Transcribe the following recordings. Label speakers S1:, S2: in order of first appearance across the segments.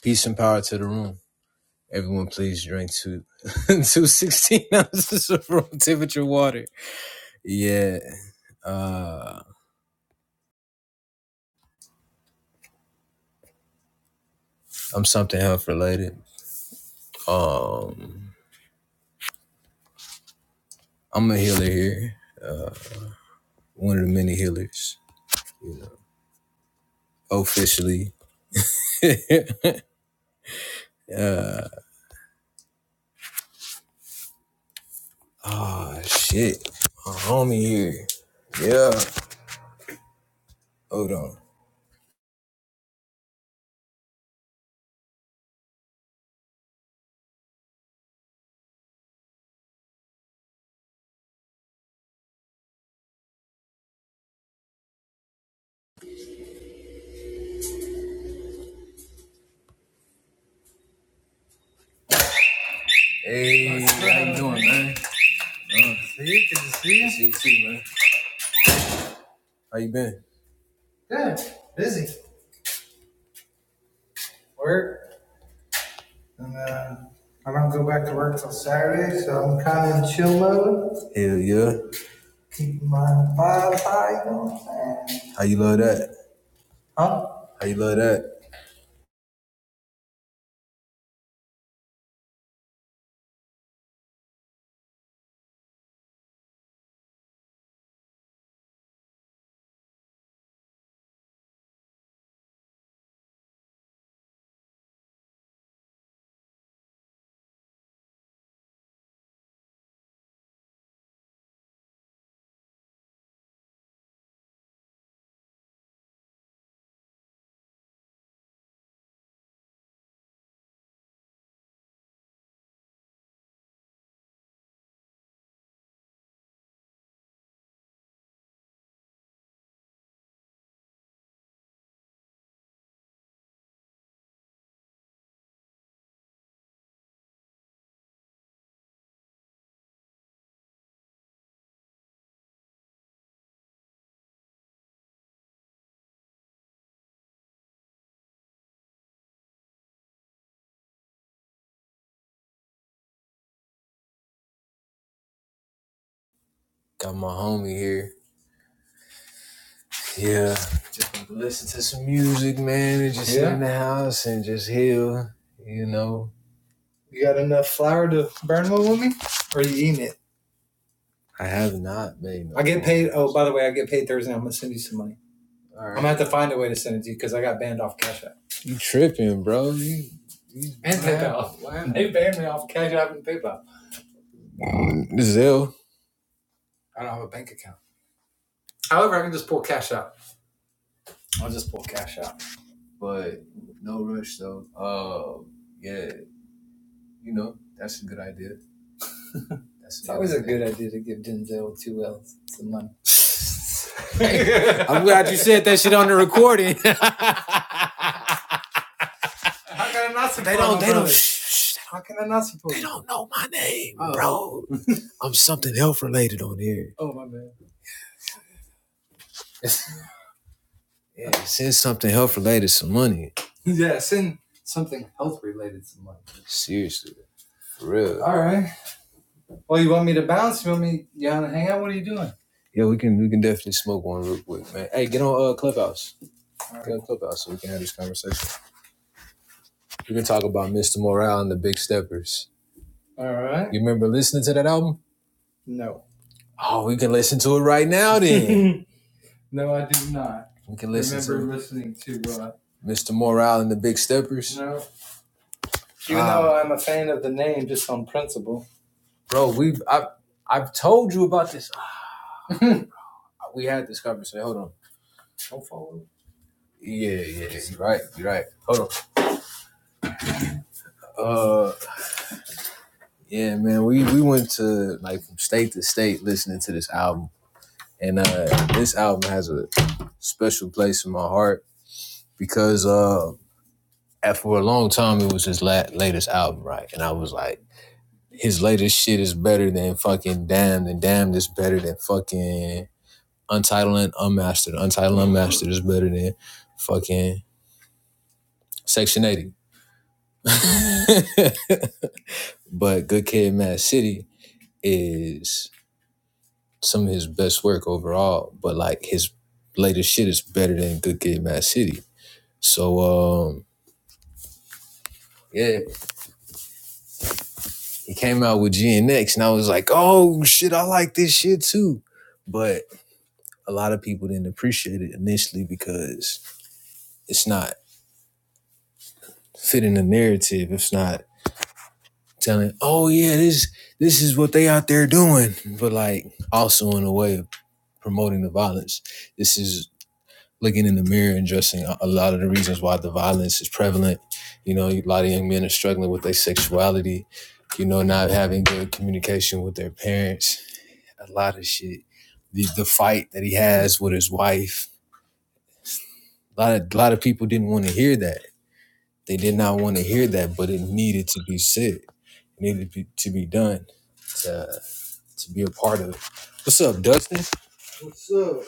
S1: Peace and power to the room. Everyone, please drink two two sixteen ounces of room temperature water. Yeah, uh, I'm something health related. Um, I'm a healer here, one of the many healers. You know, officially. Ah, oh, shit, a homie here. Yeah, hold on. Hey, how you doing, man? See good to see you. See you too, man. How you been? Good, busy. Work. And uh, I don't go back to work till Saturday, so I'm kind of in chill mode. Hell yeah. Keep my vibe high, you know what I'm saying? How you love that? Huh? How you love that? Got my homie here. Yeah. Just listen to some music, man, and just yeah. sit Yeah. in the house and just heal, you know. You got enough flour to burn one with me? Or are you eating it? I have not made no I get paid. Oh, by the way, I get paid Thursday. I'm going to send you some money. All right. I'm gonna right. have to find a way to send it to you because I got banned off Cash App You tripping, bro? You, you and PayPal. Wow. They Wow. banned me off Cash App and PayPal. This is ill. I don't have a bank account. However, I can just pull Cash App. I'll just pull Cash App. But no rush though. Um, yeah, you know, that's a good idea. That's It's always a good idea with two L's. It's the money. I'm glad you said that shit on the recording. How can I not support They don't. They don't. Shh, shh, How can I not support they you? don't know my name, Oh. bro. I'm something health related on here. Oh, my man. Yeah, send something health related some money. yeah, send something health related some money. Seriously, for real. All right. Well, you want me to bounce? You want me? You want to hang out? What are you doing? Yeah, we can we can definitely smoke one real quick, man. Hey, get on uh, Clubhouse. All Get right. on Clubhouse so we can have this conversation. We can talk about Mr. Morale and the Big Steppers. All right. You remember listening to that album? No. Oh, we can listen to it right now then. no, I do not. we can listen to. it. I remember listening to uh, Mr. Morale and the Big Steppers. no. Even Ah. though I'm a fan of the name, just on principle. Bro, we've I've I've told you about this. We had this conversation. Hold on. Don't follow. Yeah, yeah, you're right. You're right. Hold on. Uh, yeah, man, we we went to like from state to state listening to this album, and uh, this album has a special place in my heart because uh, for a long time it was his la- latest album, right? And I was like, his latest shit is better than fucking Damned, and Damned is better than fucking Untitled and Unmastered. Untitled and Unmastered is better than fucking Section 80. but Good Kid, Mad City is some of his best work overall. But like his latest shit is better than Good Kid, Mad City. So um, yeah, He came out with GNX, and I was like, oh shit, I like this shit too. But a lot of people didn't appreciate it initially because it's not fitting the narrative. It's not telling, oh yeah, this this is what they out there doing. But like also in a way of promoting the violence. This is looking in the mirror and addressing a a lot of the reasons why the violence is prevalent. You know, a lot of young men are struggling with their sexuality, you know, not having good communication with their parents a lot of shit. The the fight that he has with his wife. A lot of a lot of people didn't want to hear that. They did not want to hear that, but it needed to be said. It needed to be, to be done to to be a part of it. What's up, Dustin? What's up?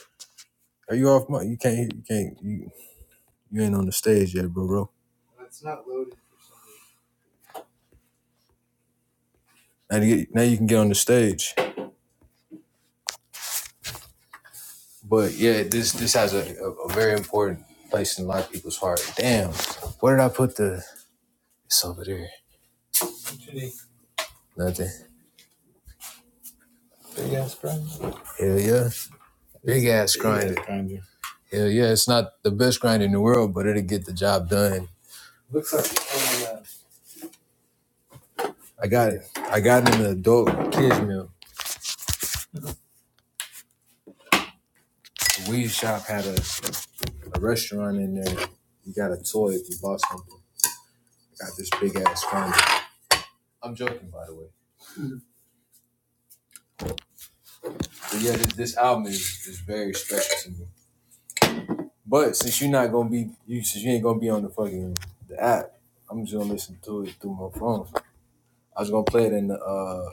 S1: Are you off my you can't you can't you you ain't on the stage yet, bro bro. It's not loaded. Now you, get- now you can get on the stage. But yeah, this this has a, a, a very important place in a lot of people's heart. Damn, where did I put the? It's over there. What you need? Nothing. Big ass grinder. Hell yeah. Big ass grinder. grinder. Hell yeah. It's not the best grinder in the world, but it'll get the job done. Looks like it's I got it. I got it in an adult kids meal. The weed shop had a, a restaurant in there. You got a toy if you bought something. I got this big ass grinder. I'm joking, by the way. But yeah, this, this album is, is very special to me. But since you're not gonna be, you since you ain't gonna be on the fucking the app, I'm just gonna listen to it through my phone. I was gonna play it in the uh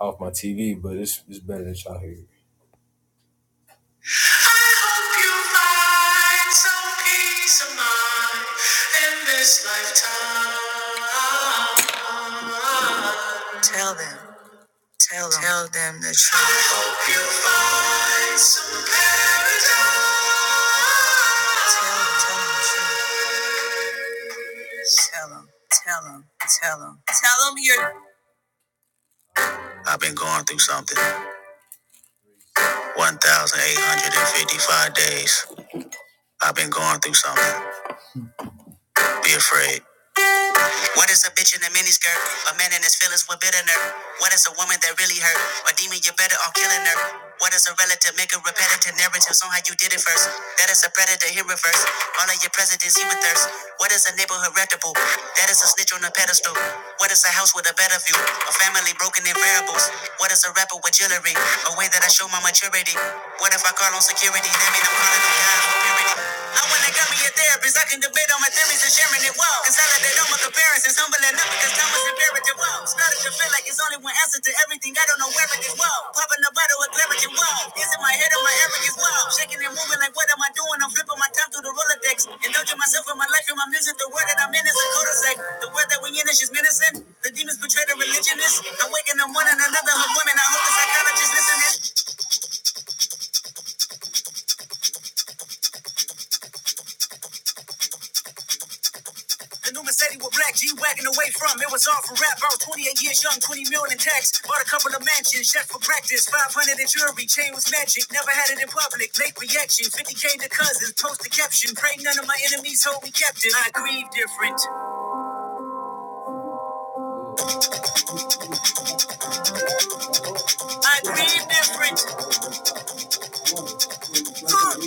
S1: off my TV, but it's it's better than y'all hear I hope you find some peace of mind in this lifetime. Tell them, tell them, tell them the truth. I hope you find some paradise. Tell them, tell them Tell them, tell them tell him, you're. I've been going through something. 1,855 days. I've been going through something. Be afraid. What is a bitch in a miniskirt? A man in his feelings with bitterness. What is a woman that really hurt? A demon, you better off killing her. What is a relative? Make a repetitive narratives on how you did it first. That is a predator in reverse. All of your presidents, he with thirst. What is a neighborhood reputable? That is a snitch on a pedestal. What is a house with a better view? A family broken in variables. What is a rapper with jewelry? A way that I show my maturity. What if I call on security? That mean I'm calling on God on I wanna come be a therapist. I can debate on my theories and sharing it well. Consolidate on my comparisons, humbling up because time was imperative. Well, started to feel like it's only one answer to everything. I don't know where it is. Well, popping the bottle with clarity. Well, is it my head or my arrogance? Well, shaking and moving like what am I doing? I'm flipping my time through the Rolodex. Indulging myself in my life and my music. The word that I'm in is a cul-de-sac. The word that we in is just menacing. The demons betray the religionists. I'm waking up one and another. Her women, I hope the psychologist listening. The new Mercedes with black G wagon away from it was all for rap. I was 28 years young, 20 million in tax. Bought a couple of mansions, chef for practice. 500 in jewelry, chain was magic. Never had it in public. Late reaction, 50k to cousins. Post the caption, pray none of my enemies hold me captive. I grieve different. I grieve different. Uh,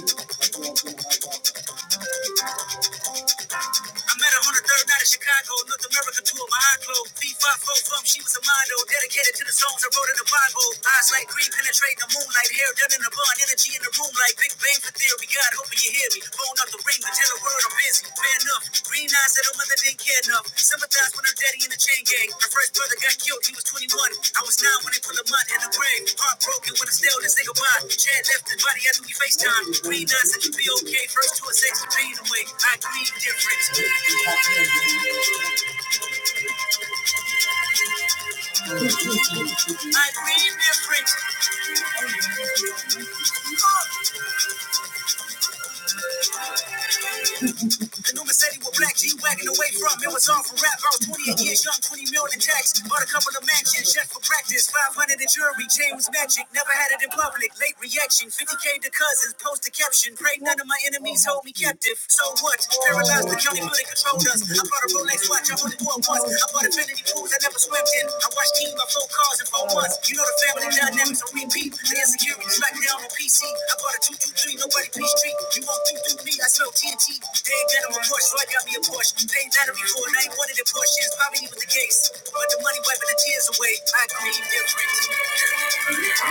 S1: I met her on the third night in Chicago. North America tour, my eye closed. b from, she was a model. Dedicated to the songs I wrote in the Bible. Eyes like green, penetrating the moonlight. Hair done in a bun. Energy in the room like Big Bang for theory. God, hoping you hear me. Phone up the ring, but tell the world I'm busy. Fair enough. Green eyes that mother didn't care enough. Sympathize when her daddy in the chain gang. Her first brother got killed, he was 21. I was 9 when they put Lamont in the grave. Heartbroken when I still didn't say goodbye. Chad left his body after we FaceTime. Green nine said you'd be okay. First two or six, you pain away. I grieve different. I grieve different. Oh. The new Mercedes with black G wagon away from it was all for rap. I was 28 years young, 20 mil in tax. Bought a couple of mansions just for practice. 500 in jewelry, chain was magic. Never had it in public. Late reaction, 50k to cousins. Post a caption. Pray none of my enemies hold me captive. So what? Paralyzed, the county building controlled us. I bought a Rolex watch, I only wore once. I bought a Bentley pools I never swam in. I watched teams by four cars in four months. You know the family dynamics on repeat. The insecurity like down on PC. I bought a 223, nobody please treat. You walk through through me, I smell TNT. They ain't got him a Porsche, so I got me a Porsche. They ain't not a before, and I ain't one of the Porsches. Probably even the case. But the money wiping the tears away. I grieve different.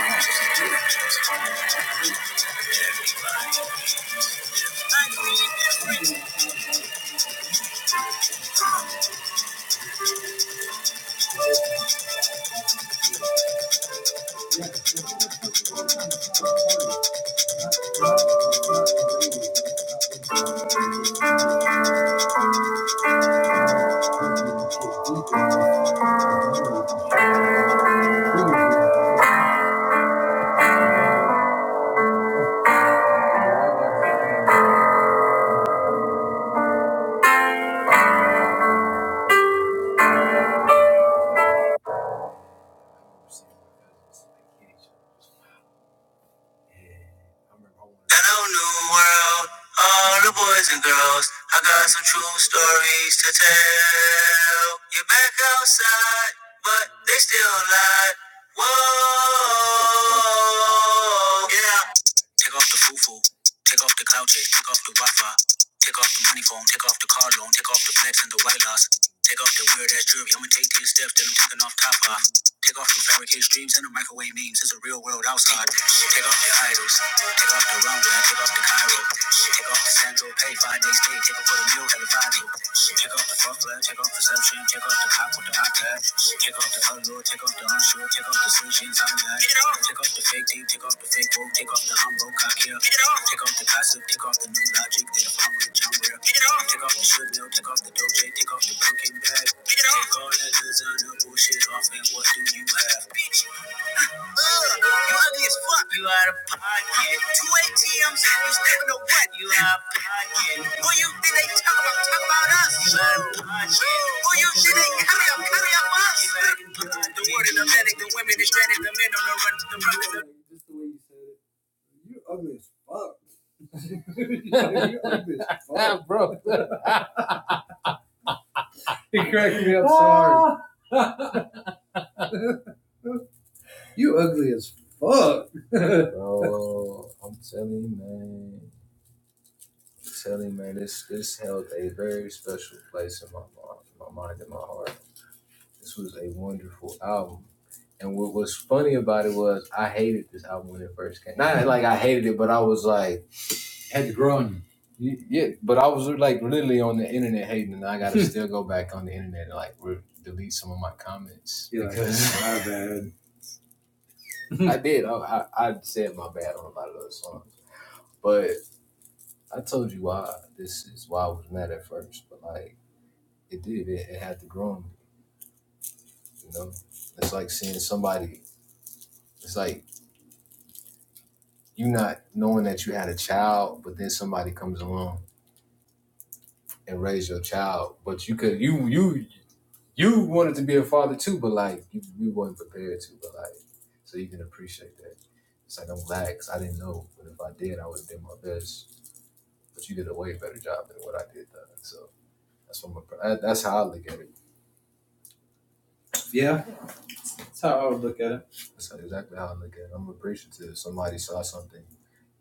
S1: Hello, new world, all the boys and girls. I got some true stories to tell. You're back outside, but they still lie. Whoa, yeah. Take off the foo-foo. Take off the cloud chase. Take off the Wi-Fi. Take off the money phone. Take off the car loan. Take off the flex and the white loss. Take off the weird ass jewelry. I'ma take 10 steps, then I'm taking off top off. Take off the fabricated dreams and the microwave memes. It's a real world outside. Take off the idols. Take off the runway. Take off the Cairo. Take off the Sandro Pay. Five days pay, Take off for the meal. Have a Bible. Take off the fuck flag. Take off perception. Take off the cop with the iPad. Take off the outlaw. Take off the unsure sure, Take off the sushi and tanga. Get off. Take off the fake teeth, take off the fake wool, take off the humble cock here. Take off the gossip, take off the new logic that I'm with John Ware. Get Take off the should mill, take off the doje, take off the pumpkin bag. Take all that designer bullshit off and what do you have? You ugly as fuck. You out of pocket. Two ATMs. You stepping to what? You out of pocket. Who you think they talk about? Talk about us. You out of pocket. Who you think they carry up? Carry up us. The word in the men, the women is stranded. The men on the run. The run. The he cracked me up so hard. You as fuck. Bro, I'm telling you, man. I'm telling you, man, this this held a very special place in my mind, my mind and my heart. This was a wonderful album. And what was funny about it was I hated this album when it first came. Not like I hated it, but I was like Had to grow on y- yeah, but I was like literally on the internet hating, and I gotta still go back on the internet and like re- delete some of my comments You're like, because like, my bad. I did. I, I I said my bad on a lot of those songs, but I told you why this is why I was mad at first. But like it did, it, it had to grow on me. You know, it's like seeing somebody. It's like you not knowing that you had a child, but then somebody comes along and raise your child, but you could you you you wanted to be a father too, but like you, you weren't prepared to, but like so you can appreciate that. It's like I'm glad 'cause I didn't know, but if I did, I would have done my best. But you did a way better job than what I did, though. so that's what I'm, that's how I look at it. Yeah, that's how I would look at it. That's exactly how I look at it. I'm appreciative. Somebody saw something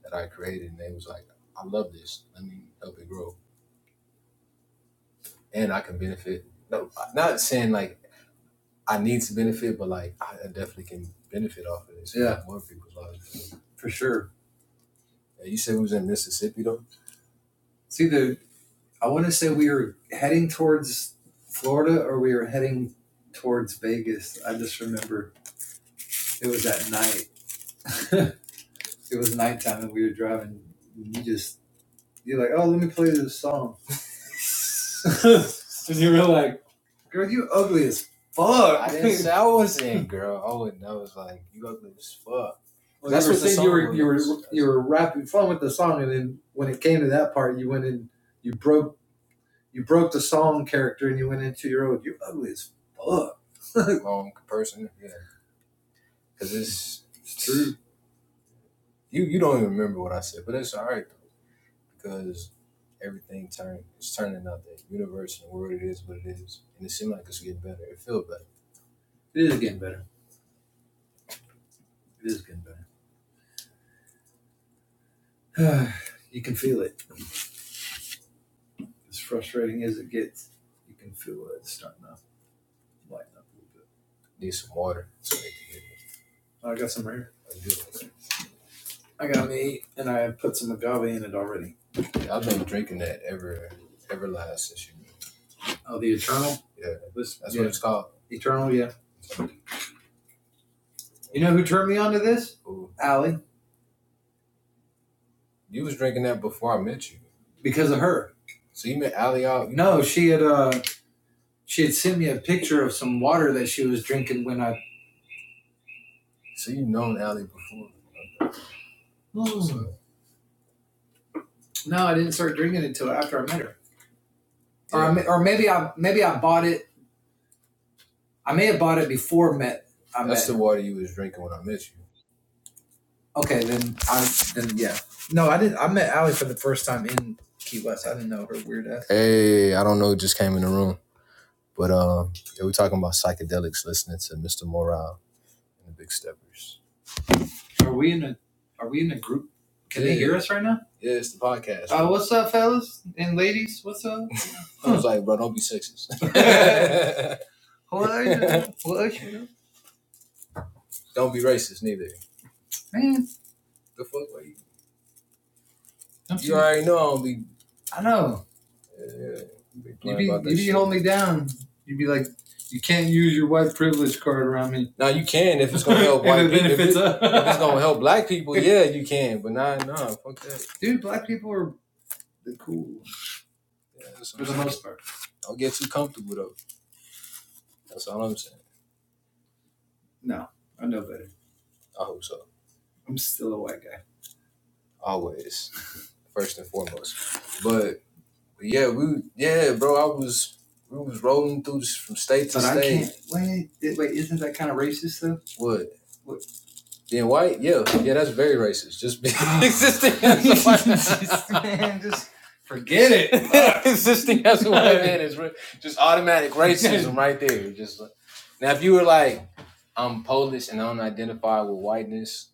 S1: that I created and they was like, I love this. Let me help it grow. and I can benefit. No, not saying like I need to benefit, but like I definitely can benefit off of this. Yeah. more people's lives. for sure. Yeah, You said we was in Mississippi though. See, the I want to say we were heading towards Florida or we were heading towards Vegas. I just remember it was at night. it was nighttime and we were driving. And you just you're like, oh, let me play this song, and you were like, Girl, you ugly as fuck. I didn't say I was saying girl. I wouldn't. Owen knows like you ugly as fuck. Well, That's what the saying you were you were you were rapping fun with the song, and then when it came to that part, you went in you broke you broke the song character, and you went into your own. You ugly as fuck. Wrong person. Yeah, because it's, it's true. You you don't even remember what I said, but it's all right though because everything turned it's turning out. The universe and the world it is what it is, and it seemed like it's getting better. It feels better. It is getting better. It is getting better. you can feel it. As frustrating as it gets, you can feel it starting to lighten up a little bit. Need some water. So I got some right here. That's good. I got me, and I put some agave in it already. Yeah, I've been drinking that ever, ever last since you. Oh, the Eternal? Yeah. This, That's yeah. what it's called. Eternal, yeah. You know who turned me on to this? Ooh. Allie. You was drinking that before I met you. Because of her. So you met Allie out. No, she had uh She had sent me a picture of some water that she was drinking when I. So you've known Allie before. So, No, I didn't start drinking until after I met her, Yeah. or I, yeah, or maybe I maybe I bought it. I may have bought it before met. I that's met. the water you was drinking when I met you. okay, then I then yeah. No, I didn't. I met Allie for the first time in Key West. I didn't know her weird ass. Hey, I don't know just came in the room, but um, yeah, we're talking about psychedelics, listening to Mr. Morale and the Big Steppers. Are we in a Are we in a group? Can yeah. they hear Yeah, us right now? yeah, it's the podcast, Uh, what's up, fellas and ladies? What's up? I Uh, was like, bro, don't be sexist. what are you doing? What are you doing? don't be racist neither. Man, The fuck, like, don't you Don't you? already know I don't be. I know. Yeah, be You playing be about You be holding me down. You be like, you can't use your white privilege card around me. Now you can if it's gonna help white people. If, it, if it's gonna help black people, yeah, you can. But nah, nah, fuck that. Dude, black people are they're cool Yeah, that's what for I'm the saying. most part. Don't get too comfortable though. That's all I'm saying. No, I know better. I hope so. I'm still a white guy. Always, first and foremost. But but yeah, we yeah, bro. I was we was rolling through from state to But I state. I can't. Wait, wait, isn't that kind of racist though? What? What, Being white, yeah, yeah, that's very racist. Just be existing as a white Just- man, just forget it. Fuck. existing as a white man is re- just automatic racism right there. Just like- now, if you were like, I'm Polish and I don't identify with whiteness,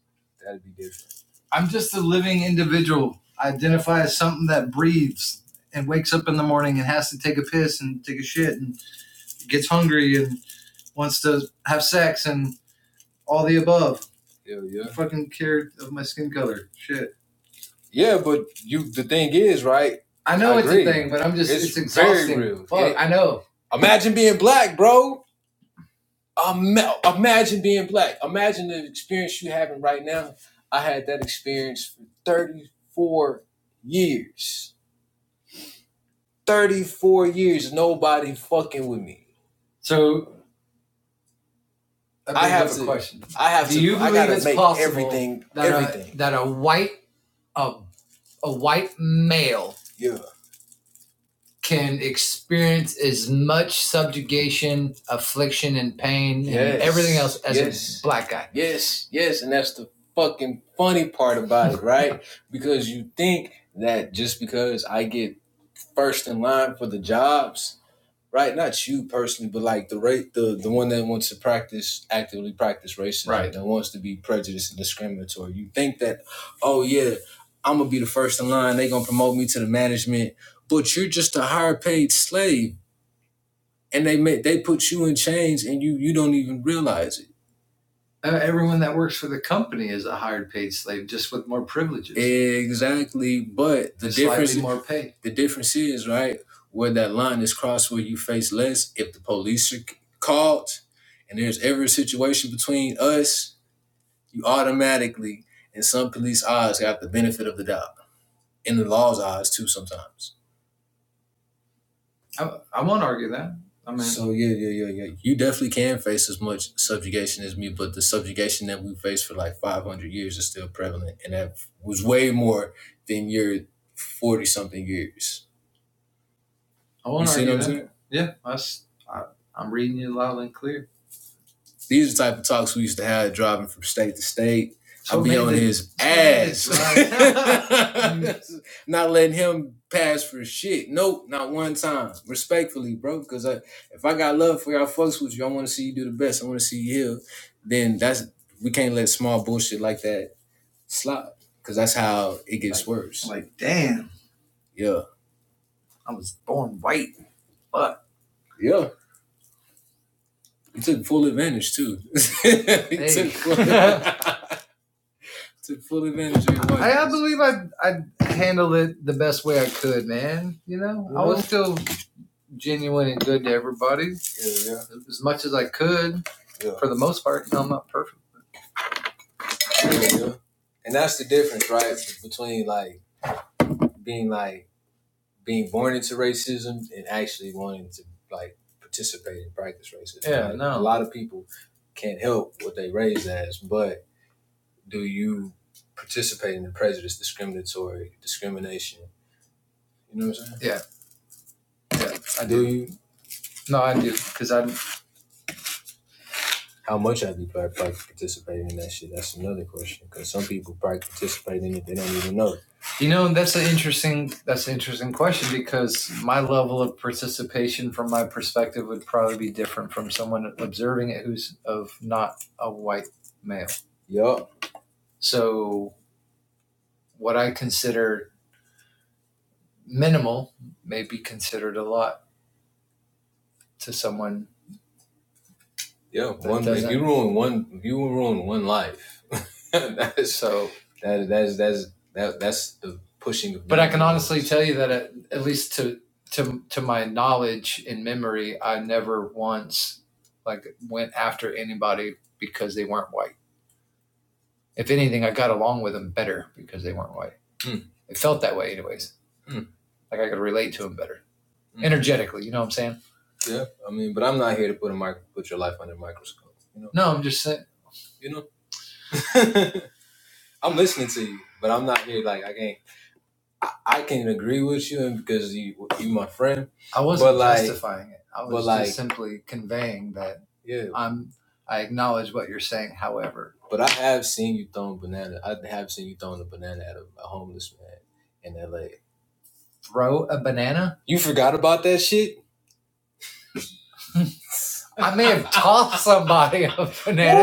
S1: that'd be different. I'm just a living individual. I identify as something that breathes and wakes up in the morning and has to take a piss and take a shit and gets hungry and wants to have sex and all the above. Yeah, yeah. I fucking care of my skin color. Shit. Yeah, but you the thing is, right? I know I it's agree. a thing, but I'm just It's it's, exhausting. very real. Fuck, It- I know. Imagine being black, bro. Um, imagine being black. Imagine the experience you having right now. I had that experience for 34 years. 34 years, nobody fucking with me. So I, mean, I have a question. I have Do to you believe I gotta it's make possible everything That everything. a, that a white a a white male Yeah. can experience as much subjugation, affliction, and pain Yes. and everything else as Yes. a black guy. Yes, yes, and that's the fucking funny part about it, right? because you think that just because I get first in line for the jobs, right? Not you personally, but like the rate the the one that wants to practice actively practice racism, Right. that wants to be prejudiced and discriminatory. You think that, oh yeah, I'm gonna be the first in line. They gonna promote me to the management, but you're just a higher paid slave, and they make they put you in chains, and you you don't even realize it. Uh, everyone that works for the company is a hired paid slave, just with more privileges, Exactly. But the and slightly difference more pay. the difference is, right, where that line is crossed where you face less, if the police are c- called and there's every situation between us, you automatically in some police eyes got the benefit of the doubt. In the law's eyes too sometimes. I, I won't argue that. I mean, So yeah, yeah, yeah, yeah. You definitely can face as much subjugation as me, but the subjugation that we faced for like five hundred years is still prevalent, and that was way more than your forty something years. I won't argue that. Yeah, that's, I, I'm reading you loud and clear. These are the type of talks we used to have driving from state to state. So I'll be on his ass. Right. not letting him pass for shit. Nope, not one time. Respectfully, bro, because I, if I got love for y'all folks with you, I want to see you do the best. I want to see you heal. Then that's we can't let small bullshit like that slide because that's how it gets i worse. like, damn, Yeah, I was born white. Fuck. yeah. He took full advantage too. he Hey. took full advantage. took full advantage of your white. I, I believe I I handled it the best way I could, man. You know, yeah. I was still genuine and good to everybody Yeah, yeah. as much as I could. Yeah. For the most part, you know, I'm not perfect. yeah, yeah, yeah. And that's the difference, right, between like being like being born into racism and actually wanting to like participate and practice racism. Yeah, Like, no. A lot of people can't help what they raised as, but do you participate in the prejudice, discriminatory discrimination, You know what I'm saying? Yeah, yeah. I Do do. you? No, I do. Because I, How much I you par- par- in that shit? That's another question. Because some people probably participate in it, they don't even know. it. you know, that's an interesting, that's an interesting question because my level of participation from my perspective would probably be different from someone observing it who's of not a white male. Yup. So what I consider minimal may be considered a lot to someone Yeah, That one. If you ruin one, if you ruin one life, that is So, that that's that's that that's the pushing of but I can honestly tell you that at, at least to to to my knowledge and memory, I never once like went after anybody because they weren't white. If anything, I got along with them better because they weren't white. Mm, It felt that way, anyways. mm, Like I could relate to them better mm. energetically. You know what I'm saying? Yeah, I mean, but I'm not here to put a micro put your life under a microscope. You know, No, I'm just saying. You know, I'm listening to you, but I'm not here. Like I can't. I, I can agree with you, and because you you my friend, I wasn't like, justifying like, it. I but was but just like, simply conveying that yeah. I'm I acknowledge what you're saying, however. But I have seen you throwing banana. I have seen you throwing a banana at a, a homeless man in L.A. Throw a banana? You forgot about that shit? I may have tossed somebody a banana.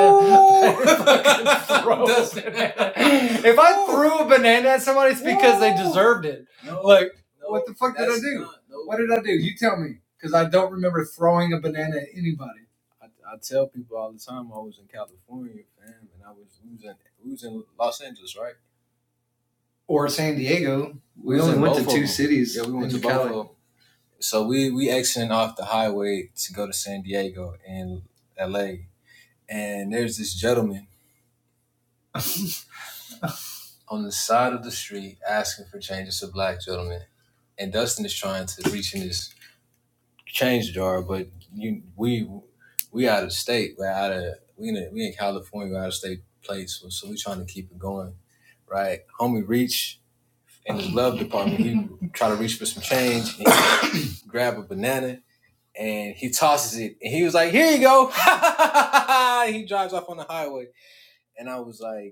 S1: Throw banana. If I threw a banana at somebody, it's because Whoa. they deserved it. no, Like, no, what the fuck did I do? not- no. what did I do? You tell me, because I don't remember throwing a banana at anybody. I, I tell people all the time I was in California, fam, and I was losing losing Los Angeles, right? Or San Diego. We Was only went to two them. cities. Yeah, we went to both of them. So we we exiting off the highway to go to San Diego and L.A and there's this gentleman on the side of the street asking for change. It's a black gentleman, and Dustin is trying to reach in his change jar, but you we we out of state, we're out of we in a, we in California, we're out of state place, so, so we trying to keep it going, right? Homie, reach in his glove department, he try to reach for some change, and he grab a banana. And he tosses it, and he was like, "Here you go!" he drives off on the highway, and I was like.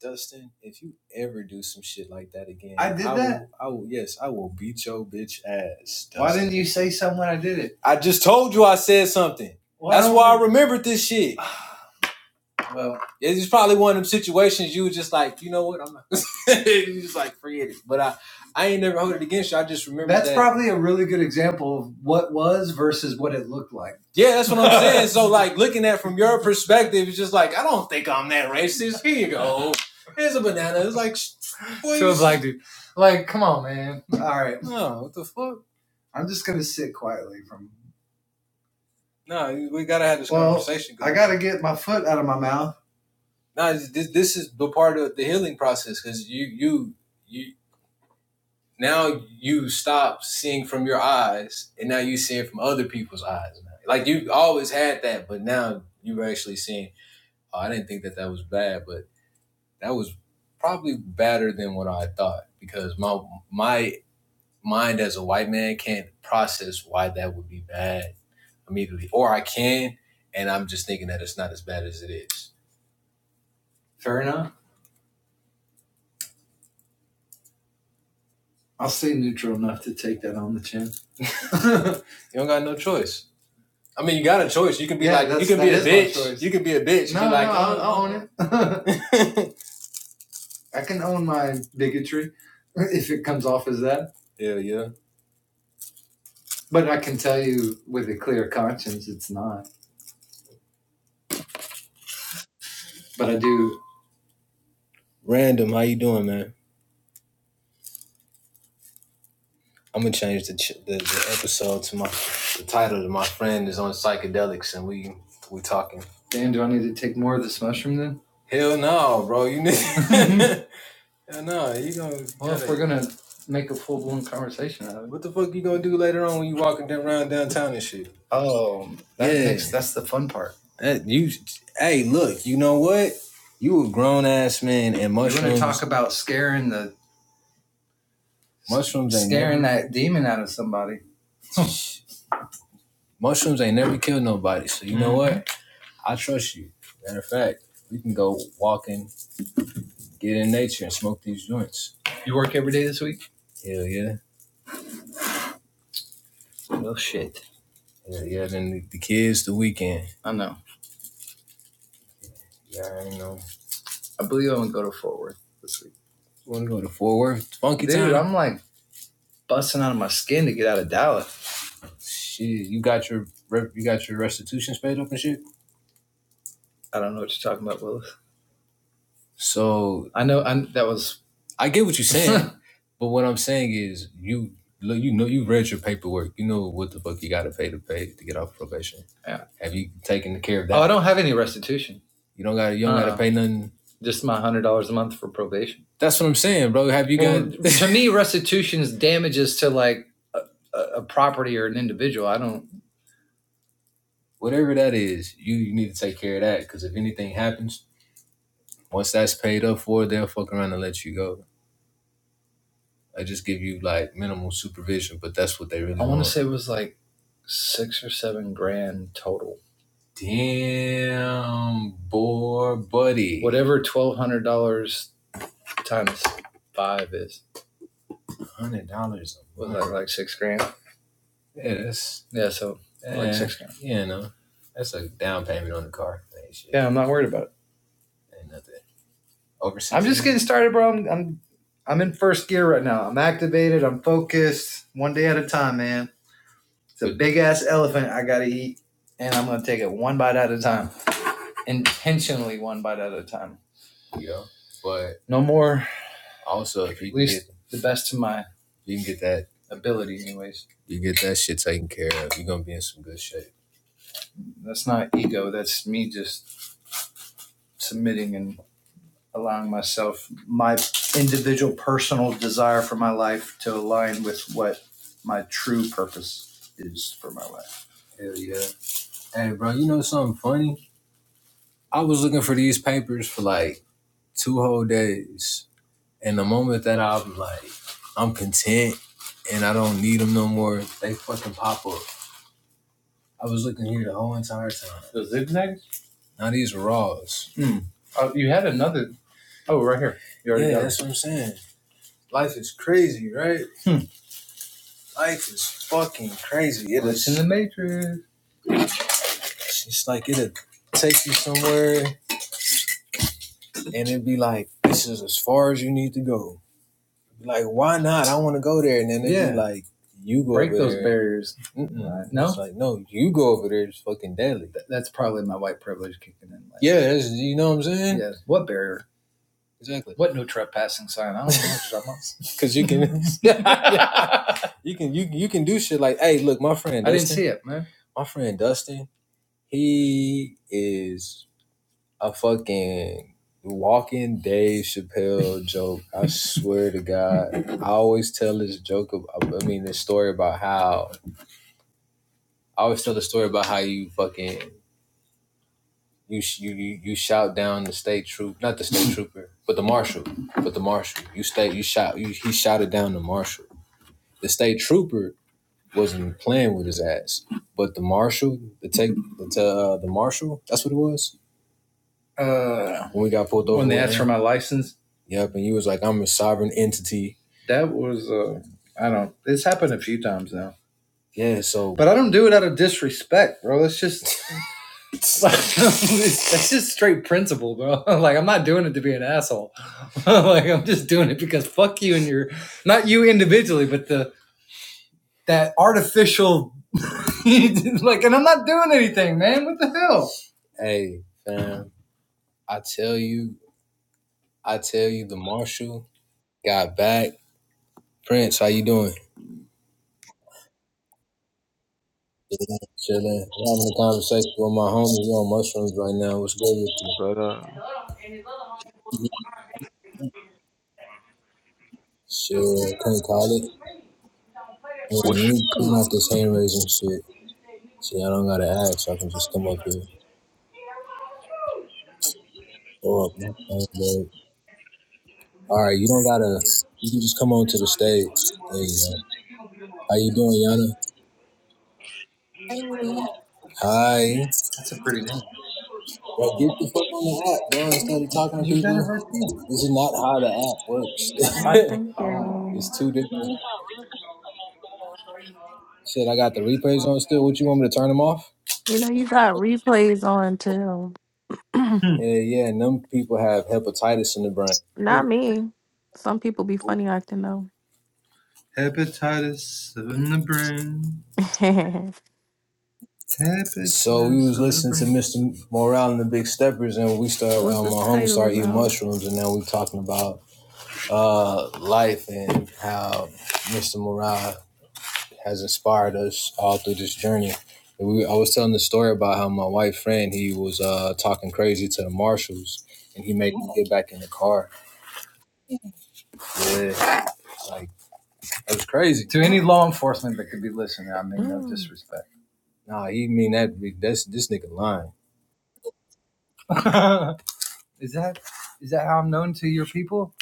S1: Dustin, if you ever do some shit like that again, I did I that? Will, I will, yes, I will beat your bitch ass. Dustin. Why didn't you say something when I did it? I just told you I said something. Why That's do why I remembered this shit. Well, it's probably one of them situations you were just like, you know what, I'm not. you just like forget it. But I, I ain't never hold it against you. I just remember That's that. probably a really good example of what was versus what it looked like. Yeah, that's what I'm saying. So like looking at it from your perspective, it's just like I don't think I'm that racist. Here you go. Here's a banana. It's like, boy, to a black dude. Like, come on, man. All right, no, what the fuck? I'm just gonna sit quietly from. No, we gotta have this Well, conversation Going. I gotta get my foot out of my mouth. No, this this is the part of the healing process because you you you now you stop seeing from your eyes and now you seeing from other people's eyes. Now. Like you always had that, but now you're actually seeing. Oh, I didn't think that that was bad, but that was probably better than what I thought because my my mind as a white man can't process why that would be bad immediately, or I can, and I'm just thinking that it's not as bad as it is. Fair enough. I'll stay neutral enough to take that on the chin. you don't got no choice. I mean, you got a choice. You can be Yeah, like, you can be a bitch. You can be a bitch. No, be like, no, I'll, I'll own it. I can own my bigotry if it comes off as that. yeah, yeah. But I can tell you with a clear conscience, it's not. But I do. Random, how you doing, man? I'm gonna change the, ch- the the episode to my the title to my friend is on psychedelics and we we talking. Damn, do I need to take more of this mushroom then? Hell no, bro. You need hell no. You gonna Well, gotta, if we're gonna make a full blown conversation out of it. what the fuck you gonna do later on when you walking around downtown and shit? Oh, that Yeah. makes that's the fun part. That you hey look you know what you a grown ass man and mushrooms. You want to talk about scaring the mushrooms scaring that demon out of somebody? Mushrooms ain't never killed nobody, so you know what? I trust you. Matter of fact, we can go walking, get in nature, and smoke these joints. You work every day this week? Hell yeah. Well, shit. Hell yeah. Then the, the kids, the weekend. I know. Yeah, I know. I believe I'm gonna go to Fort Worth this week. You Want to go to Fort Worth? Funky Dude, town. I'm like busting out of my skin to get out of Dallas. Shit, you got your you got your restitution paid up and shit. I don't know what you're talking about, Willis. So I know I, that was I get what you're saying, but what I'm saying is you look, you know, you read your paperwork. You know what the fuck you got to pay to pay to get off probation. Yeah. Have you taken care of that? oh, I don't have any restitution. You don't got you don't uh, got to Uh-uh. pay nothing. Just my hundred dollars a month for probation. That's what I'm saying, bro. Have you Well, got? to me, restitution's damages to like a, a a property or an individual. I don't. whatever that is, you, you need to take care of that because if anything happens, once that's paid up for, they'll fuck around and let you go. I just give you like minimal supervision, but that's what they really want. I want to say it was like six or seven grand total. Damn, boy, buddy. Whatever twelve hundred dollars times five is. one Hundred dollars a month. Was that like six grand? Yeah, that's Yeah, so yeah, like yeah, six grand. you know, that's a down payment on the car. shit. Yeah, I'm not worried about it. Ain't nothing. Over 6 I'm just getting started, bro. I'm I'm I'm in first gear right now. I'm activated. I'm focused. One day at a time, man. It's a big ass elephant I gotta eat, and I'm gonna take it one bite at a time, intentionally one bite at a time. Yeah. But No more, also, if you at least get, the best to my you can get that, ability, anyways. you get that shit taken care of. You're gonna be in some good shape. That's not ego. That's me just submitting and allowing myself my individual personal desire for my life to align with what my true purpose is for my life. Hell yeah. Hey, bro, you know something funny? I was looking for these papers for like two whole days. And the moment that I'm like, I'm content and I don't need them no more, they fucking pop up. I was looking here the whole entire time. The zigzags? Now these are raws. Hmm. Oh, you had another. Oh, right here. You already Yeah, got it. that's it. what I'm saying. Life is crazy, right? Life is fucking crazy. It's in the Matrix. It's just like it'll take you somewhere and it'd be like, this is as far as you need to go. Like, why not? I want to go there. And then they Yeah. be like, you go Break over those there. barriers. Right. No? It's like, no, you go over there. It's fucking deadly. Th- that's probably my white privilege kicking in. Like, Yeah, you know what I'm saying? Yeah, What barrier? Exactly. What no trespassing sign? I don't know what you're talking about. Because you can, yeah, you can, you you can do shit like, hey, look, my friend Dustin, I didn't see it, man. my friend Dustin, he is a fucking walking Dave Chappelle joke. I swear to God, I always tell this joke. Of, I mean, this story about how I always tell the story about how you fucking you you you shout down the state troop, not the state trooper, but the marshal, but the marshal. You state you shout you, he shouted down the marshal. The state trooper wasn't playing with his ass, but the marshal, the take the uh, the marshal, that's what it was uh, when we got pulled over. when they asked for my license. Yep, and you was like, I'm a sovereign entity. That was uh, I don't. It's happened a few times now, Yeah, so but I don't do it out of disrespect, bro. That's just that's just straight principle, bro. like I'm not doing it to be an asshole. like I'm just doing it because fuck you and your not you individually, but the that artificial like and I'm not doing anything, man. What the hell? hey, fam, I tell you, I tell you, the marshal got back. Prince, how you doing? Chilling. chilling. I'm having a conversation with my homies on mushrooms right now. What's good with
S2: But uh,
S1: you? Shit, can't call it. Hold on, let
S2: what's
S1: me
S2: good?
S1: turn out this hand raising shit. See, I don't gotta ask, so I can just come up here. Throw up my hand, babe. All right, you don't gotta. You can just come on to the stage. There you go. How you doing, Yana? Hi. Well, get the fuck on the app, bro. Instead of talking to people. This is not how the app
S3: Oh,
S1: works.
S3: thank you.
S1: it's two different. Shit, I got the replays on still. What you want me to turn them off?
S3: You know, you got replays on too.
S1: Mm. Yeah, yeah. And them people have hepatitis in the brain.
S3: Not
S1: Oh,
S3: me. Some people be funny acting though.
S1: hepatitis in the brain.
S3: so,
S1: Hepatitis. So we was listening to Mr. Morale and the Big Steppers, and we start.
S3: what's
S1: Uh,
S3: the
S1: my homie
S3: title
S1: started eating
S3: about?
S1: mushrooms, and now we talking about uh, life and how Mr. Morale has inspired us all through this journey. And we, I was telling the story about how my white friend he was uh, talking crazy to the marshals, and he made me get back in the car. Yeah, like that was crazy. To any
S3: Oh,
S1: law enforcement that could be listening, I mean no
S3: mm.
S1: disrespect. Nah, he mean that. That's this nigga lying. is that is that how I'm known to your people?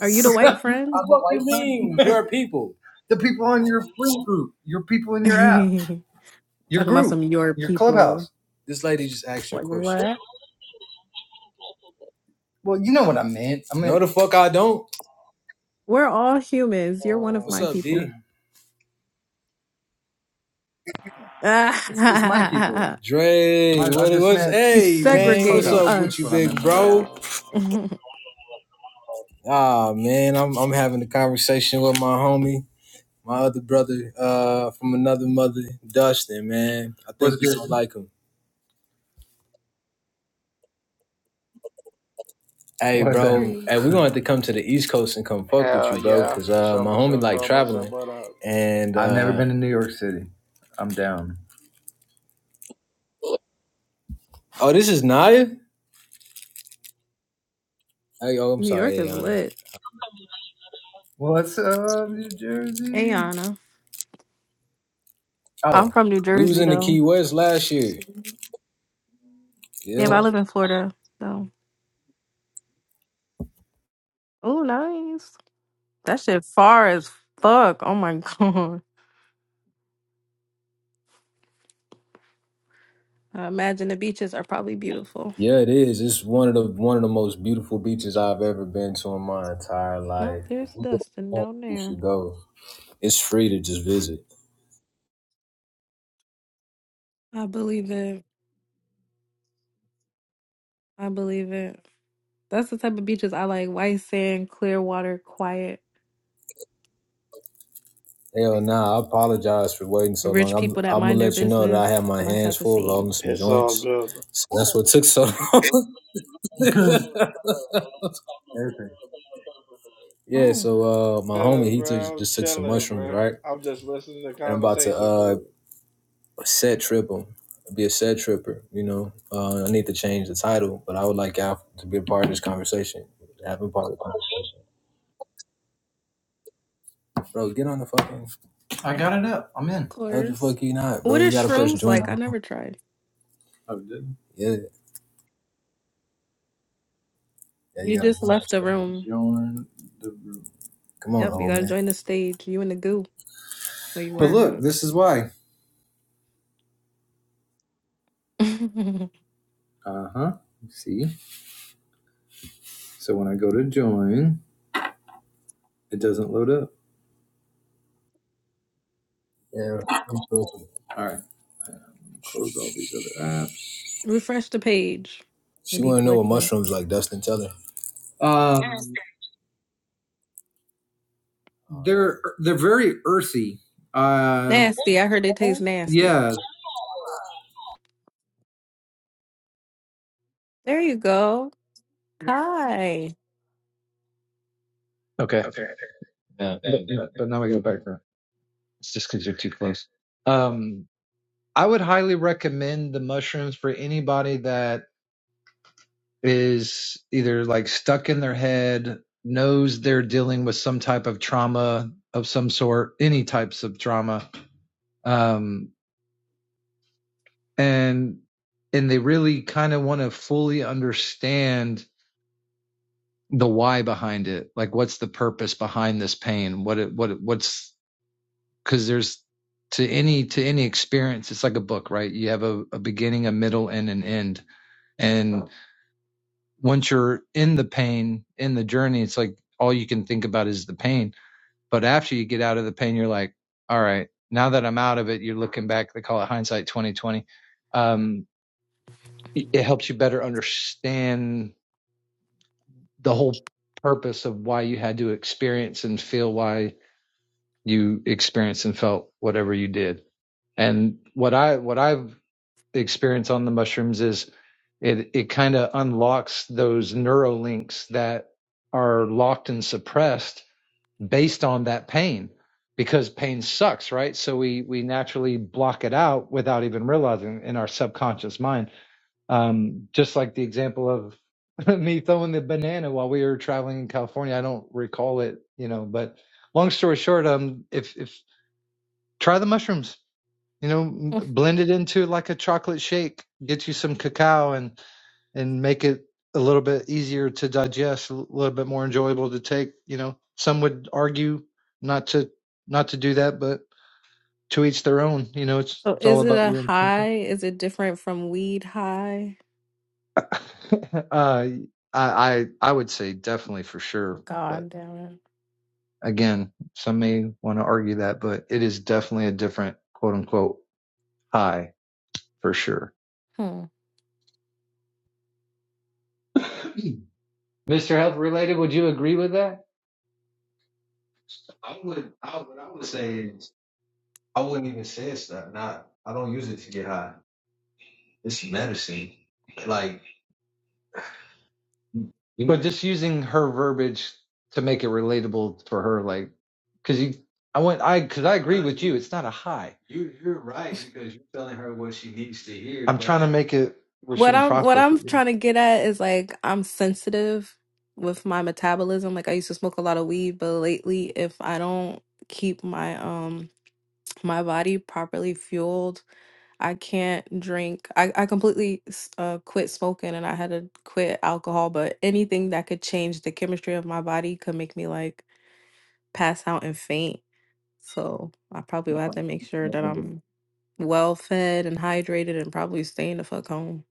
S3: are you the white friend?
S1: What do you mean? Your people. The people on your free group, your people in your app,
S3: Talking
S1: your
S3: about
S1: group,
S3: some your
S1: your
S3: people.
S1: clubhouse. This lady just asked you a
S3: Like
S1: question.
S3: what?
S1: Well, you know what I meant. I mean, No, the fuck I don't.
S3: We're all humans. You're one
S1: uh,
S3: of
S1: What's
S3: my
S1: up, yeah.
S3: people.
S1: D? it's, it's my people. Dre, I- I what it
S3: He's
S1: Hey, in man, what's
S3: segregating
S1: up with you,
S3: us.
S1: big
S4: Yeah.
S3: Okay.
S1: bro? Ah man, I'm I'm having a conversation with my homie, my other brother, uh, from another mother, Dustin. Man, I think What's you good? going like him. Hey, What's that? bro. that?
S3: Period.
S1: Hey, we're gonna have to come to the East Coast and come fuck with you,
S4: Hell
S1: bro.
S4: yeah.
S1: Cause
S4: For
S1: uh,
S4: sure,
S1: my
S4: for
S1: homie
S4: sure.
S1: like
S4: Told myself
S1: traveling,
S4: what up.
S1: and I've uh, never uh, been to New York City. I'm down. oh, this is Naya. Hey, oh, I'm
S3: New York
S1: sorry,
S3: is
S1: Ayana.
S3: lit.
S1: What's up, New Jersey?
S3: Ayana. I'm
S1: Oh,
S3: from New
S1: we was
S3: Jersey
S1: in the
S3: though.
S1: Key West last year.
S3: Yeah,
S1: Yeah.
S3: but I live in Florida, so. Oh, nice. That shit far as fuck. Oh my god. I imagine the beaches are probably beautiful.
S1: Yeah, it is. It's one of the one of the most beautiful beaches I've ever been to in my entire
S3: No,
S1: life. If
S3: there's
S1: you
S3: Dustin
S1: go,
S3: down
S1: you
S3: there.
S1: should go. It's free to just visit.
S3: I believe it. I believe it. That's the type of beaches I like. White sand, clear water, quiet.
S1: Hell nah, I apologize for waiting so long.
S3: Rich
S1: I'm
S3: people that
S1: I'm gonna
S3: mind their
S1: let you know that
S3: business.
S1: I had my
S3: My
S1: hands
S3: type of
S1: full
S3: scene.
S1: rolling some
S4: It's all
S1: joints.
S4: good, bro.
S1: So that's what took so long. yeah,
S3: Oh,
S1: so uh my
S4: Yeah,
S1: homie he took,
S4: bro. I'm
S1: just took some
S4: chilling,
S1: mushrooms,
S4: bro.
S1: right?
S4: I'm just listening to
S1: And I'm about to
S4: conversation for
S1: uh
S4: real.
S1: set trip him. Be a set tripper, you know. Uh, I need to change the title, but I would like Al to be a part of this conversation. Have Having part of the conversation. Bro, get on the fucking. I got it up. I'm
S3: of
S1: in. No, the
S3: course.
S1: fuck you not,
S3: What
S1: bro.
S3: are
S1: You gotta press
S3: shrooms
S1: join.
S3: like? I never tried.
S1: I did. Yeah, yeah, you
S3: You
S1: gotta
S3: just left the
S1: join. the stage.
S3: room.
S1: Join the room. Come on,
S3: Yep, you
S1: old
S3: gotta
S1: man.
S3: join the stage. You and the goo. Well, you were
S1: But
S3: in
S1: look, this is why.
S3: the goo.
S1: Uh huh. See? So when I go to join, it doesn't load up. Yeah. All right. Close all these other apps.
S3: Refresh the page. It'd
S1: She
S3: be
S1: wanna know what
S3: glitching.
S1: mushrooms like Dustin. Tell her. Um, they're they're very earthy. Uh,
S3: Nasty. I heard it tastes nasty.
S1: yeah.
S3: There you go. Hi.
S5: Okay. Okay. Yeah. Yeah, But, yeah. but now I go back. there. It's just because you're too close. Um, I would highly recommend the mushrooms for anybody that is either like stuck in their head, knows they're dealing with some type of trauma of some sort, any types of trauma, um, and and they really kind of want to fully understand the why behind it like what's the purpose behind this pain what it, what it, what's because there's to any to any experience it's like a book right you have a, a beginning a middle and an end and once you're in the pain in the journey it's like all you can think about is the pain but after you get out of the pain you're like all right now that i'm out of it you're looking back they call it hindsight 2020 um, it it helps you better understand the whole purpose of why you had to experience and feel why you experienced and felt whatever you did and what i what i've the experience on the mushrooms is it it kind of unlocks those neuro links that are locked and suppressed based on that pain because pain sucks right so we we naturally block it out without even realizing in our subconscious mind um just like the example of me throwing the banana while we were traveling in california i don't recall it you know but long story short um if if try the mushrooms you know blend it into like a chocolate shake get you some cacao and and make it a little bit easier to digest a little bit more enjoyable to take you know some would argue not to not to do that but to each their own you know it's
S3: So
S5: it's all
S3: is it
S5: about
S3: a
S5: your intention
S3: high? Is it different from weed high?
S5: uh i i i would say definitely for sure but
S3: God damn it.
S5: again some may want to argue that but it is definitely a different quote unquote high for sure
S3: Hmm.
S5: Mr. Health Related, would you agree with that? I would. I, what I would say is, I wouldn't even say it's that. Not. I don't use it to get high. It's medicine. Like you But just using her verbiage to make it relatable for her, like, because you, I went, I, because I agree with you. It's not a high. you, you're right because you're telling her what she needs to hear. I'm But trying to make it where she
S3: What
S5: can
S3: I'm what
S5: process it.
S3: I'm
S5: you
S3: trying to get at is like I'm sensitive with my metabolism. Like I used to smoke a lot of weed, but lately if I don't keep my um my body properly fueled I can't drink. I, I completely s- uh, quit smoking and I had to quit alcohol, but anything that could change the chemistry of my body could make me like pass out and faint. So I probably would have to make sure that
S5: know.
S3: I'm well fed and hydrated and probably staying the fuck home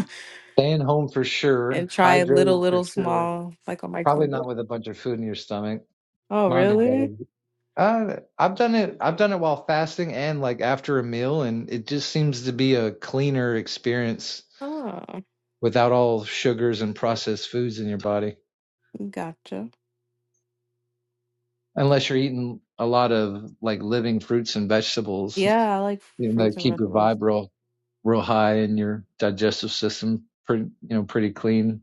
S5: Staying home for sure,
S3: and try little,
S5: hydrated for
S3: little,
S5: sure.
S3: small, like a
S5: Probably
S3: micro.
S5: not with a bunch of food in your stomach.
S3: Oh,
S5: Might be better.
S3: really?
S5: Uh, I've done it. I've done it while fasting and like after a meal, and it just seems to be a cleaner experience
S3: Oh,
S5: without all sugars and processed foods in your body.
S3: gotcha.
S5: Unless you're eating a lot of like living fruits and vegetables,
S3: Yeah, I like
S5: you know,
S3: fruits
S5: that
S3: and
S5: keep your
S3: vegetables.
S5: vibe real, real high and your digestive system pretty, you know, pretty clean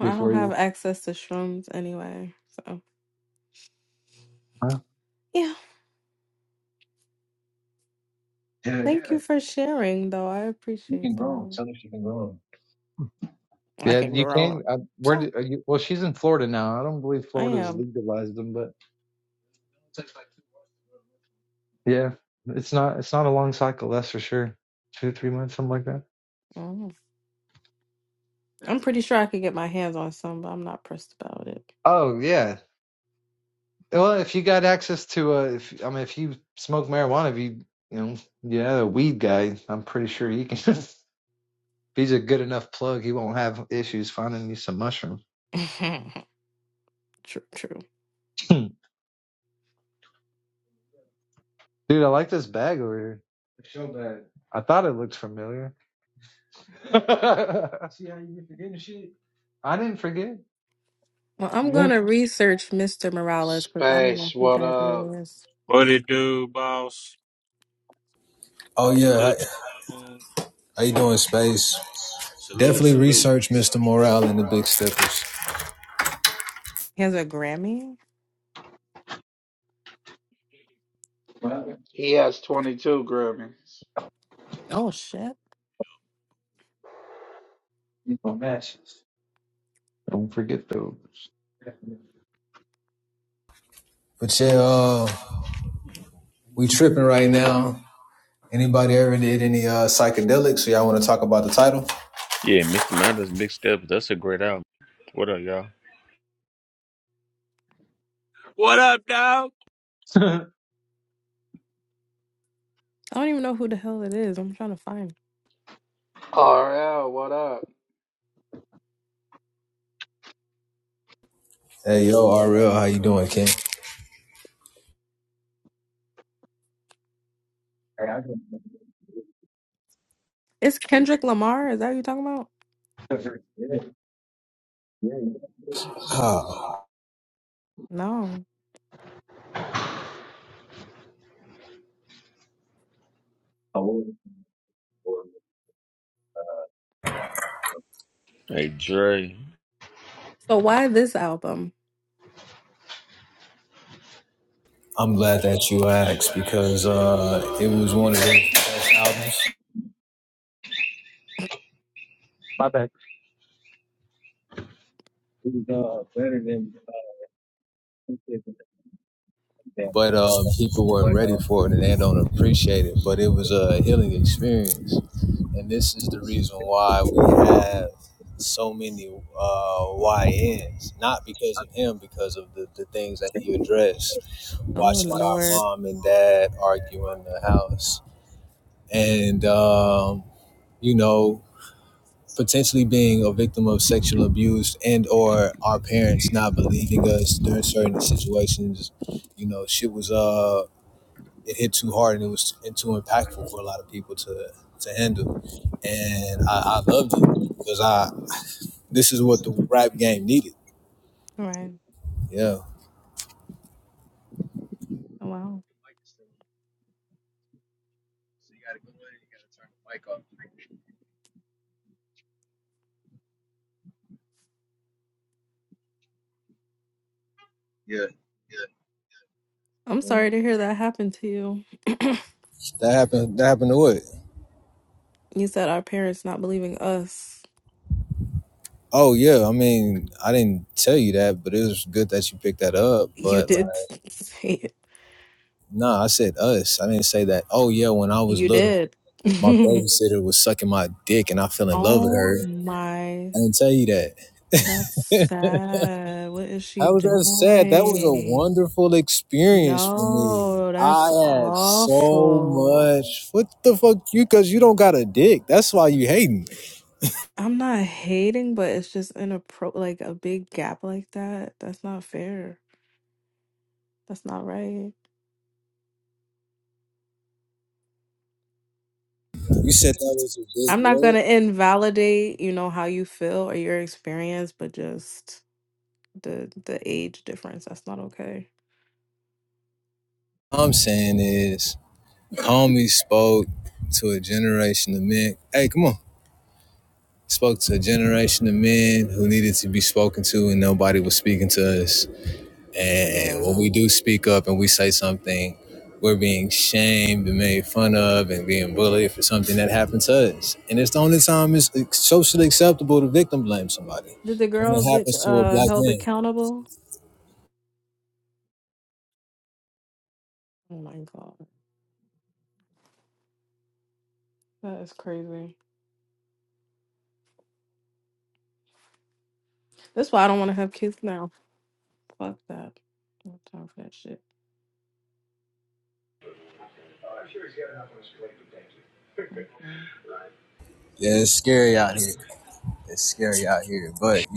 S3: I don't
S5: before
S3: have
S5: you.
S3: access to shrooms anyway, so.
S5: Wow.
S3: yeah.
S5: Yeah,
S3: Thank
S5: yeah.
S3: you for sharing, though. I
S5: You
S3: appreciate
S5: can grow. 'em.
S3: that.
S5: Tell her she can grow. 'em.
S3: I
S5: Yeah,
S3: can not
S5: you
S3: grow
S5: can.
S3: up.
S5: Uh, where? Do,
S3: So
S5: are you, well, she's in Florida now. I don't believe
S3: I
S5: Florida's
S3: am.
S5: legalized them, but. It's like Yeah, it's not it's not a long cycle, that's for sure. Two three months, something like that.
S3: Mhm. I'm pretty sure I could get my hands on some, but I'm not pressed about it.
S5: Oh yeah. Well, if you got access to uh if I mean if you smoke marijuana, if you you know, yeah, the weed guy, I'm pretty sure he can if he's a good enough plug, he won't have issues finding you some mushrooms.
S3: true, true.
S5: Dude, I like this bag over here. I thought it looked familiar. I didn't forget.
S3: Well, I'm
S5: You want?
S3: gonna research Mr. Morales because I don't know
S4: Space,
S3: who
S4: what
S3: that
S4: up?
S3: is.
S6: What it do, boss?
S1: Oh
S5: Oh yeah,
S1: yeah, how,
S6: Salute, to the room.
S1: how you doing, space?
S6: salute,
S1: Definitely
S5: definitely.
S6: salute.
S1: research Mr. Morale and the Big Steppers.
S3: He has a Grammy.
S5: Wow,
S4: He has 22 Grammys.
S3: Oh shit!
S5: matches. Don't forget those.
S1: But yeah, uh, we tripping right now. Anybody ever did any uh, psychedelics? So y'all want to talk about the title?
S2: Yeah, Mr. Matters, Big Steps. That's a great album. What up, y'all?
S6: What up, dog?
S5: My
S3: I don't even know who the hell it is. I'm trying to find.
S4: RL, what up?
S1: Hey, yo, RL, how you doing, King?
S3: It's Kendrick Lamar. Is that what you're talking about?
S1: Ah,
S3: No.
S2: Hey, Dre.
S3: So why this album?
S1: I'm glad that you asked because uh, it was one of the best albums.
S5: bad. Who's uh better than uh, who
S1: but um, people weren't
S5: but
S1: ready for it and they don't appreciate it. But it was a healing experience, and this is the reason why we have so many uh, YNs. Not because of him, because of the, the things that he
S5: uh,
S1: addressed.
S3: Oh
S1: Watching our
S3: Lord.
S1: mom and dad argue in the house, and um, you know potentially being a victim of sexual abuse and or our parents not believing us during certain situations you know shit was uh it hit too hard and it was and too impactful for a lot of people to to handle. And I, I loved it because I this is what the rap game needed.
S3: All right.
S1: Yeah,
S3: Oh wow. I'm sorry to hear that happened to you.
S1: that happened. That happened to what?
S3: You said our parents not believing us.
S1: Oh yeah, I mean I didn't tell you that, but it was good that you picked that up.
S3: You
S1: But like,
S3: did say it.
S1: nah, I said us. I didn't say that. Oh yeah, when I was
S3: You
S1: little,
S3: did.
S1: my babysitter was sucking my dick and I fell in love with
S3: oh
S1: her.
S3: my,
S1: I didn't tell you that.
S3: that's sad. What is she
S1: How was that sad? That was a
S3: doing?
S1: wonderful experience for me.
S3: No,
S1: I
S3: that's
S1: had so
S3: awful.
S1: much. What the fuck, you? Cause you don't got a dick. That's why you hating.
S3: I'm not hating, but it's just in like a big gap like that. That's not fair. That's not right.
S1: You said that was a dick.
S3: I'm not gonna
S1: What?
S3: invalidate, you know, how you feel or your experience, but just the the age difference. That's not okay.
S1: I'm saying is, homie spoke to a generation of men. Hey, come on. Spoke to a generation of men who needed to be spoken to, and nobody was speaking to us. And when
S3: Yeah.
S1: we do speak up and we say something, we're being shamed and made fun of and being bullied for something that happened to us. And it's the only time it's socially acceptable to victim blame somebody.
S3: Did the
S1: When
S3: girl
S1: it
S3: get
S1: happens to a
S3: uh
S1: black
S3: held
S1: man,
S3: accountable? Oh my god, that is crazy. That's why I don't want to have kids now. Fuck that. No time for that shit.
S1: yeah, it's scary out here. It's scary out here. But